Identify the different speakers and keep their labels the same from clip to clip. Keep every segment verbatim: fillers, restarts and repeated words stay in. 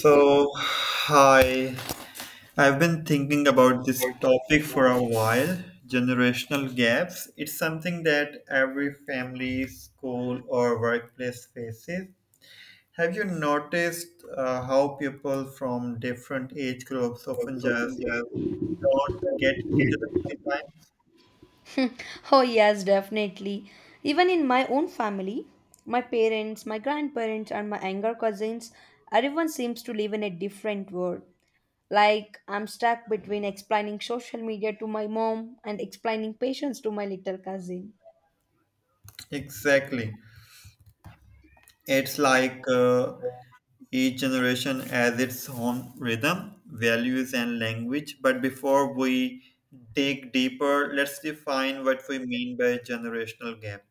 Speaker 1: So, hi. I've been thinking about this topic for a while generational gaps. It's something that every family, school, or workplace faces. Have you noticed uh, how people from different age groups often just don't get each other sometimes?
Speaker 2: Oh, yes, definitely. Even in my own family, my parents, my grandparents, and my younger cousins, everyone seems to live in a different world. Like, I'm stuck between explaining social media to my mom and explaining patience to my little cousin.
Speaker 1: Exactly. It's like uh, Each generation has its own rhythm, values, and language. But before we dig deeper, let's define what we mean by generational gap.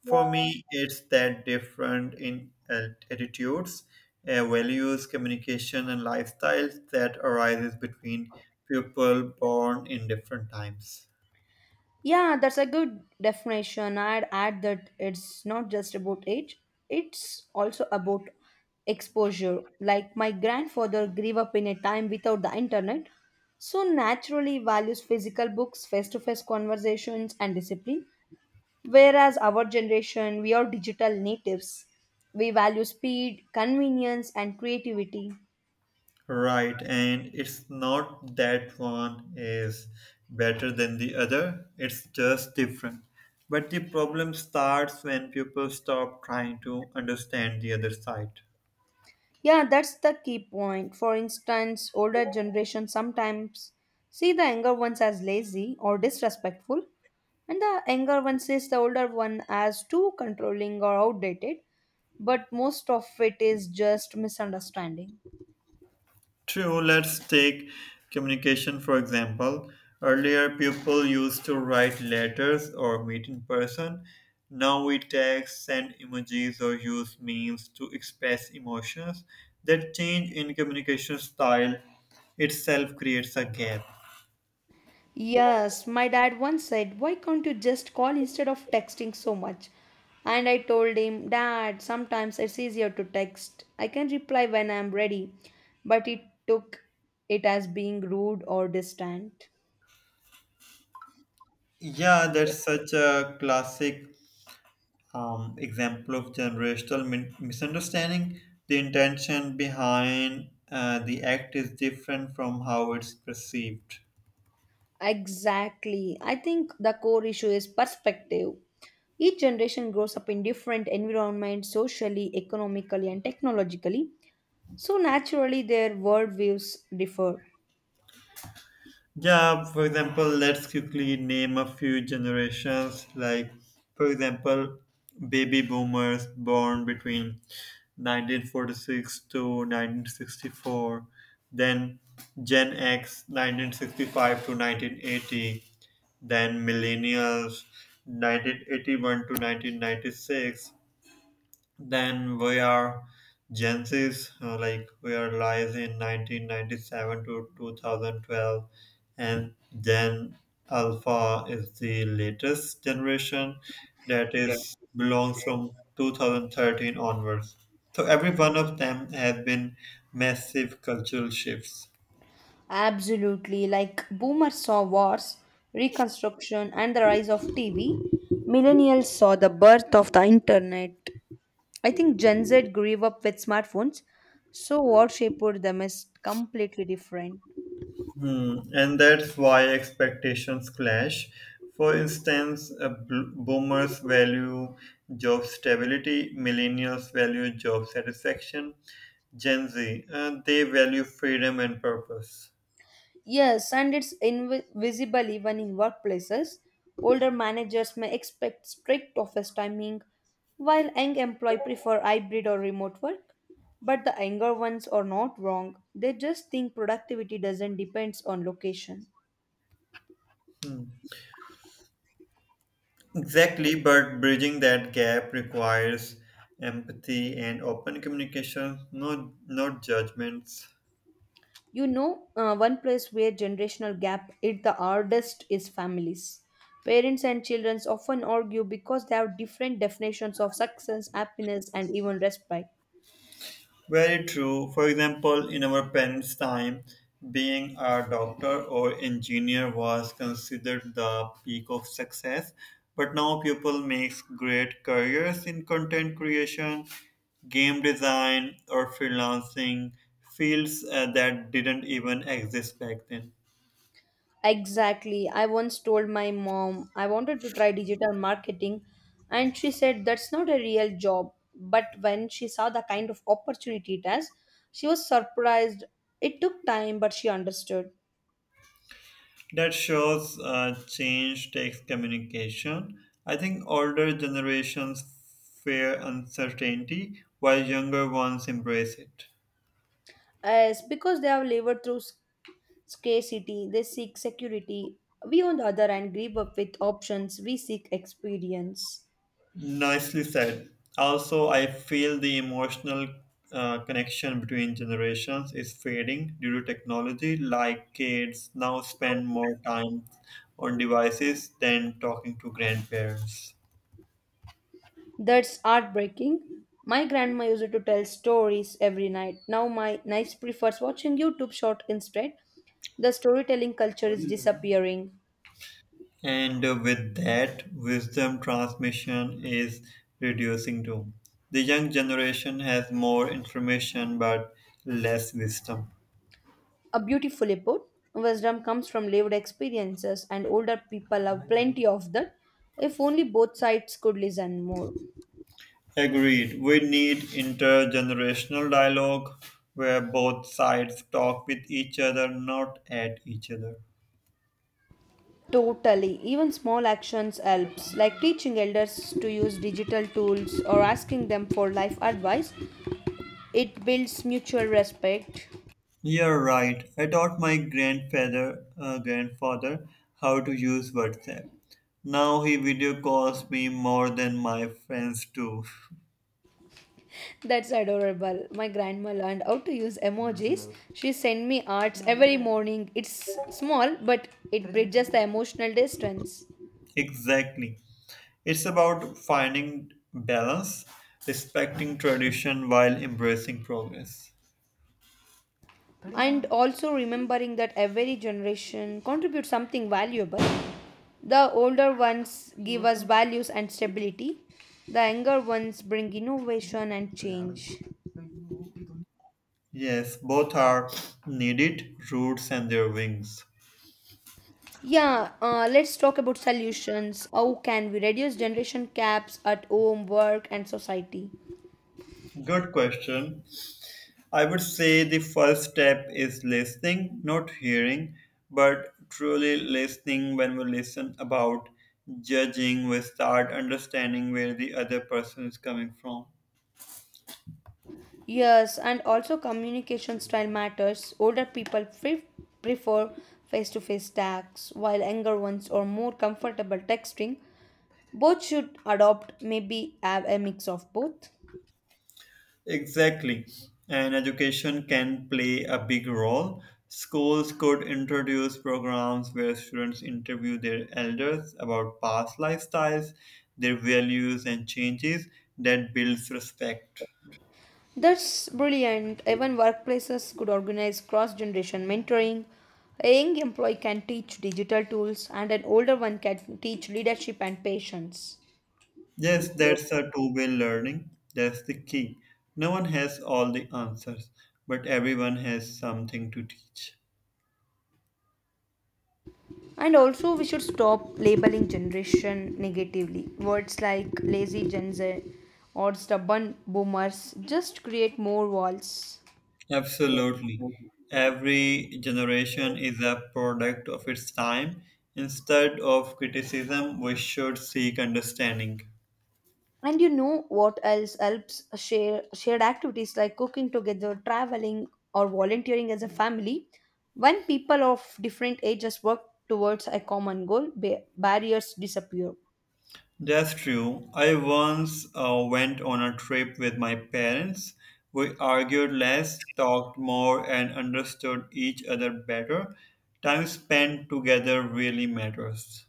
Speaker 1: For me, it's that different in at- attitudes, uh, values, communication, and lifestyles that arises between people born in different times.
Speaker 2: Yeah, that's a good definition. I'd add that it's not just about age, it's also about exposure. Like my grandfather grew up in a time without the internet, so naturally values physical books, face to face conversations, and discipline. Whereas our generation, we are digital natives. We value speed, convenience, and creativity.
Speaker 1: Right, and it's not that one is better than the other, it's just different. But the problem starts when people stop trying to understand the other side.
Speaker 2: Yeah, that's the key point. For instance, older generations sometimes see the younger ones as lazy or disrespectful, and the younger one sees the older one as too controlling or outdated, but most of it is just misunderstanding.
Speaker 1: True, let's take communication for example. Earlier, people used to write letters or meet in person. Now we text, send emojis, or use memes to express emotions. That change in communication style itself creates a gap.
Speaker 2: Yes, my dad once said, Why can't you just call instead of texting so much? And I told him, Dad, sometimes it's easier to text. I can reply when I'm ready. But he took it as being rude or distant.
Speaker 1: Yeah, that's such a classic um, example of generational min- misunderstanding. The intention behind uh, the act is different from how it's perceived.
Speaker 2: Exactly. I think the core issue is perspective. Each generation grows up in different environments socially, economically, and technologically. So naturally, their worldviews differ.
Speaker 1: Yeah, for example, let's quickly name a few generations. Like, for example, baby boomers born between nineteen forty-six to nineteen sixty-four, then Gen X nineteen sixty-five to nineteen eighty, then millennials nineteen eighty-one to nineteen ninety-six, then we are Gen Zs, uh, like we are lies in nineteen ninety-seven to two thousand twelve, and then Alpha is the latest generation that is belongs from two thousand thirteen onwards. So every one of them has been massive cultural shifts.
Speaker 2: Absolutely, like boomers saw wars, reconstruction, and the rise of T V, millennials saw the birth of the internet. I think Gen Z grew up with smartphones, so what shaped them is completely different.
Speaker 1: Hmm, and that's why expectations clash. For instance, uh, bl- boomers value job stability, millennials value job satisfaction, Gen Z, uh, they value freedom and purpose.
Speaker 2: Yes, and it's invisible even in workplaces. Older managers may expect strict office timing, while young employees prefer hybrid or remote work. But the younger ones are not wrong. They just think productivity doesn't depends on location.
Speaker 1: Hmm. Exactly, but bridging that gap requires empathy and open communication, not, not judgments.
Speaker 2: You know, uh, one place where generational gap hit the hardest is families. Parents and children often argue because they have different definitions of success, happiness, and even respite.
Speaker 1: Very true. For example, in our parents' time, being a doctor or engineer was considered the peak of success. But now people make great careers in content creation, game design, or freelancing fields uh, that didn't even exist back then.
Speaker 2: Exactly. I once told my mom I wanted to try digital marketing, and she said that's not a real job. But when she saw the kind of opportunity it has, she was surprised. It took time, but she understood.
Speaker 1: That shows uh, change takes communication. I think older generations fear uncertainty, while younger ones embrace it.
Speaker 2: As because they have labored through s- scarcity, they seek security. We, on the other hand, grieve up with options, we seek experience.
Speaker 1: Nicely said. Also, I feel the emotional uh, connection between generations is fading due to technology. Like kids now spend more time on devices than talking to grandparents.
Speaker 2: That's heartbreaking. My grandma used to tell stories every night. Now my niece prefers watching YouTube short instead. The storytelling culture is disappearing.
Speaker 1: And uh, with that, wisdom transmission is reducing too. The young generation has more information but less wisdom.
Speaker 2: A beautifully put, wisdom comes from lived experiences and older people have plenty of that. If only both sides could listen more.
Speaker 1: Agreed. We need intergenerational dialogue where both sides talk with each other, not at each other.
Speaker 2: Totally. Even small actions helps, like teaching elders to use digital tools or asking them for life advice. It builds mutual respect.
Speaker 1: You're right. I taught my grandfather, uh, grandfather, how to use WhatsApp. Now he video calls me more than my friends do.
Speaker 2: That's adorable. My grandma learned how to use emojis. She sent me arts every morning. It's small, but it bridges the emotional distance.
Speaker 1: exactly. It's about finding balance, respecting tradition while embracing progress.
Speaker 2: And also remembering that every generation contributes something valuable. The older ones give us values and stability. The younger ones bring innovation and change.
Speaker 1: Yes, both are needed, roots and their wings.
Speaker 2: Yeah, uh, let's talk about solutions. How can we reduce generation gaps at home, work, and society?
Speaker 1: Good question. I would say the first step is listening, not hearing, but truly listening when we listen about judging, we start understanding where the other person is coming from.
Speaker 2: Yes, and also communication style matters. Older people pre- prefer face to face talks, while younger ones are more comfortable texting. Both should adopt, maybe have a mix of both.
Speaker 1: Exactly. And education can play a big role. Schools could introduce programs where students interview their elders about past lifestyles, their values, and changes that builds respect.
Speaker 2: That's brilliant. Even workplaces could organize cross generation mentoring. A young employee can teach digital tools, and an older one can teach leadership and patience.
Speaker 1: Yes, that's a two-way learning. That's the key. No one has all the answers, but everyone has something to teach.
Speaker 2: And also, we should stop labeling generation negatively. Words like lazy Gen Z or stubborn boomers just create more walls.
Speaker 1: Absolutely. Every generation is a product of its time. Instead of criticism, we should seek understanding.
Speaker 2: And you know what else helps share shared activities like cooking together, traveling, or volunteering as a family. When people of different ages work towards a common goal, ba- barriers disappear.
Speaker 1: That's true. I once uh, went on a trip with my parents. We argued less, talked more, and understood each other better. Time spent together really matters.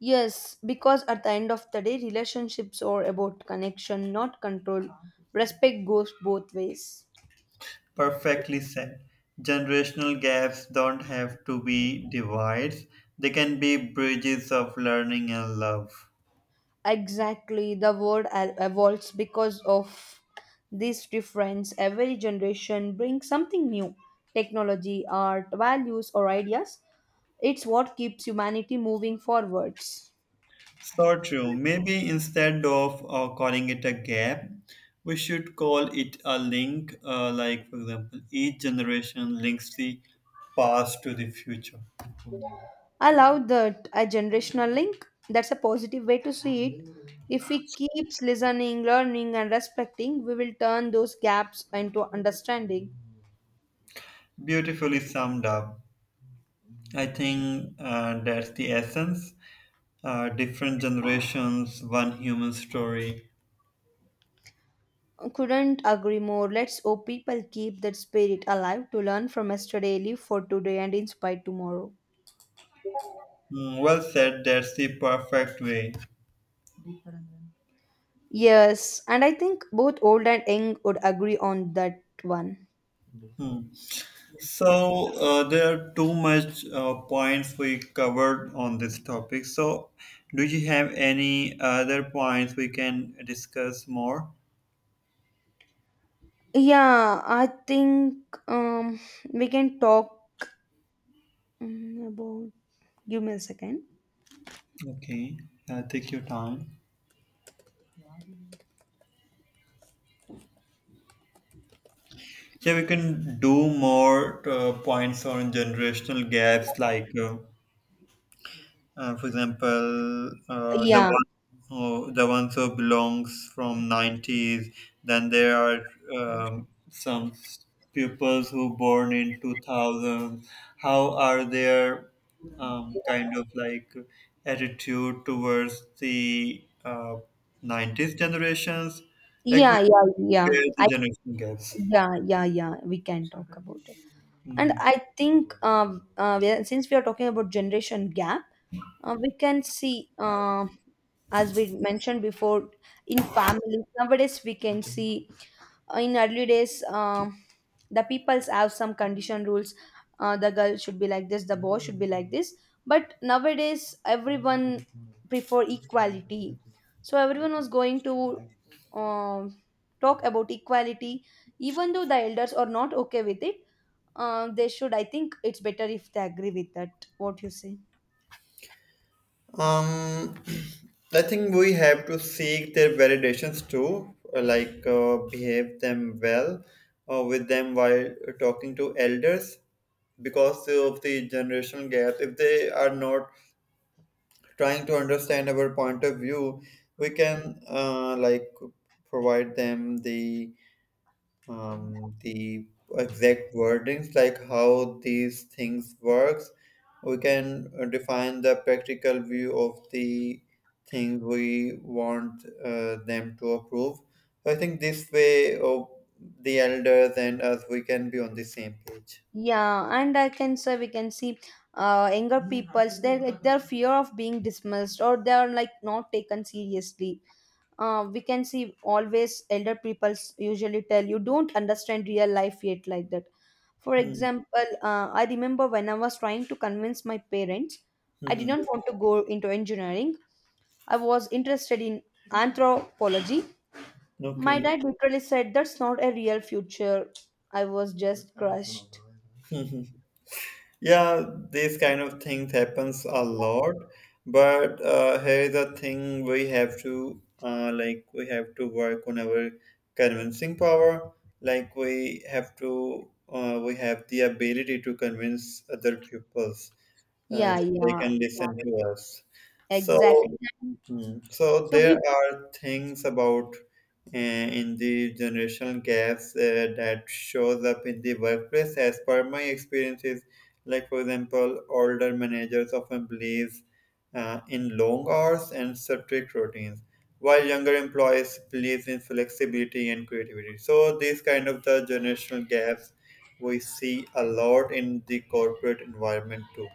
Speaker 2: Yes, because at the end of the day, relationships are about connection, not control. Respect goes both ways.
Speaker 1: Perfectly said. Generational gaps don't have to be divides, they can be bridges of learning and love.
Speaker 2: Exactly, the world al- evolves because of this difference. Every generation brings something new, technology, art, values, or ideas. It's what keeps humanity moving forwards.
Speaker 1: So true. Maybe instead of uh, calling it a gap, we should call it a link. Uh, like, for example, each generation links the past to the future.
Speaker 2: I love that, a generational link. That's a positive way to see it. If we keeps listening, learning, and respecting, we will turn those gaps into understanding.
Speaker 1: Beautifully summed up. I think uh, that's the essence. Uh, different generations, one human story.
Speaker 2: Couldn't agree more. Let's hope people keep that spirit alive to learn from yesterday, live for today, and inspire tomorrow.
Speaker 1: Mm, well said, that's the perfect way.
Speaker 2: Yes, and I think both old and young would agree on that one.
Speaker 1: Hmm. So uh, there are too much uh, points we covered on this topic. So do you have any other points we can discuss more?
Speaker 2: Yeah, I think um, we can talk mm, about. Give me a second.
Speaker 1: Okay, uh, take your time. Yeah, we can do more uh, points on generational gaps like uh, Uh, for example, uh, the
Speaker 2: Yeah,
Speaker 1: one oh, the ones who belongs from nineties. Then there are um, some pupils who born in two thousand. How are their um, kind of like attitude towards the uh, nineties generations? Like we
Speaker 2: yeah, yeah, yeah.
Speaker 1: compare
Speaker 2: I.
Speaker 1: the generation gaps.
Speaker 2: Yeah, yeah, yeah, we can talk about it. And
Speaker 1: Mm-hmm.
Speaker 2: I think um, uh, we are- since we are talking about generation gap, uh, we can see, uh, as we mentioned before, in family nowadays we can see, uh, in early days, um, the peoples have some condition rules. Uh, the girl should be like this, the boy should be like this, but nowadays everyone prefer equality. So everyone was going to, um, talk about equality, even though the elders are not okay with it. Uh, they should, I think it's better if they agree with that what you say.
Speaker 1: Um, I think we have to seek their validations too, uh, like uh, behave them well uh, with them while talking to elders because of the generational gap. If they are not trying to understand our point of view, we can uh, like provide them the um, the exact wordings like how these things works. We can uh, define the practical view of the things we want uh, them to approve. So, I think this way of the elders and us we can be on the same page.
Speaker 2: Yeah, and I can say we can see, uh, younger peoples, they're like their fear of being dismissed or they are like not taken seriously. Uh, we can see always elder people usually tell you don't understand real life yet, like that. For
Speaker 1: Hmm.
Speaker 2: example, uh, I remember when I was trying to convince my parents, I did
Speaker 1: Mhm.
Speaker 2: not want to go into engineering. I was interested in anthropology. My
Speaker 1: Okay.
Speaker 2: dad literally said that's not a real future. I was just crushed.
Speaker 1: Yeah, these kind of things happens a lot, but uh, here is the thing we have to uh, like we have to work on our convincing power. Like we have to uh, we have the ability to convince other pupils uh,
Speaker 2: Yeah,
Speaker 1: so they
Speaker 2: yeah,
Speaker 1: can listen
Speaker 2: yeah.
Speaker 1: to us. So,
Speaker 2: Exactly.
Speaker 1: mm. So
Speaker 2: To
Speaker 1: there
Speaker 2: be.
Speaker 1: are things about uh, in the generational gaps uh, that shows up in the workplace. As per my experiences, like for example, older managers often believe uh, in long hours and strict routines, while younger employees believe in flexibility and creativity. So these kind of the generational gaps we see a lot in the corporate environment too.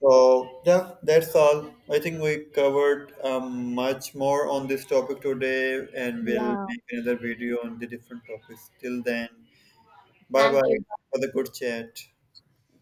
Speaker 1: So yeah, that's all. I think we covered um, much more on this topic today, and we'll
Speaker 2: Yeah,
Speaker 1: make another video on the different topics. Till then, bye
Speaker 2: thank
Speaker 1: bye
Speaker 2: you.
Speaker 1: for the good chat.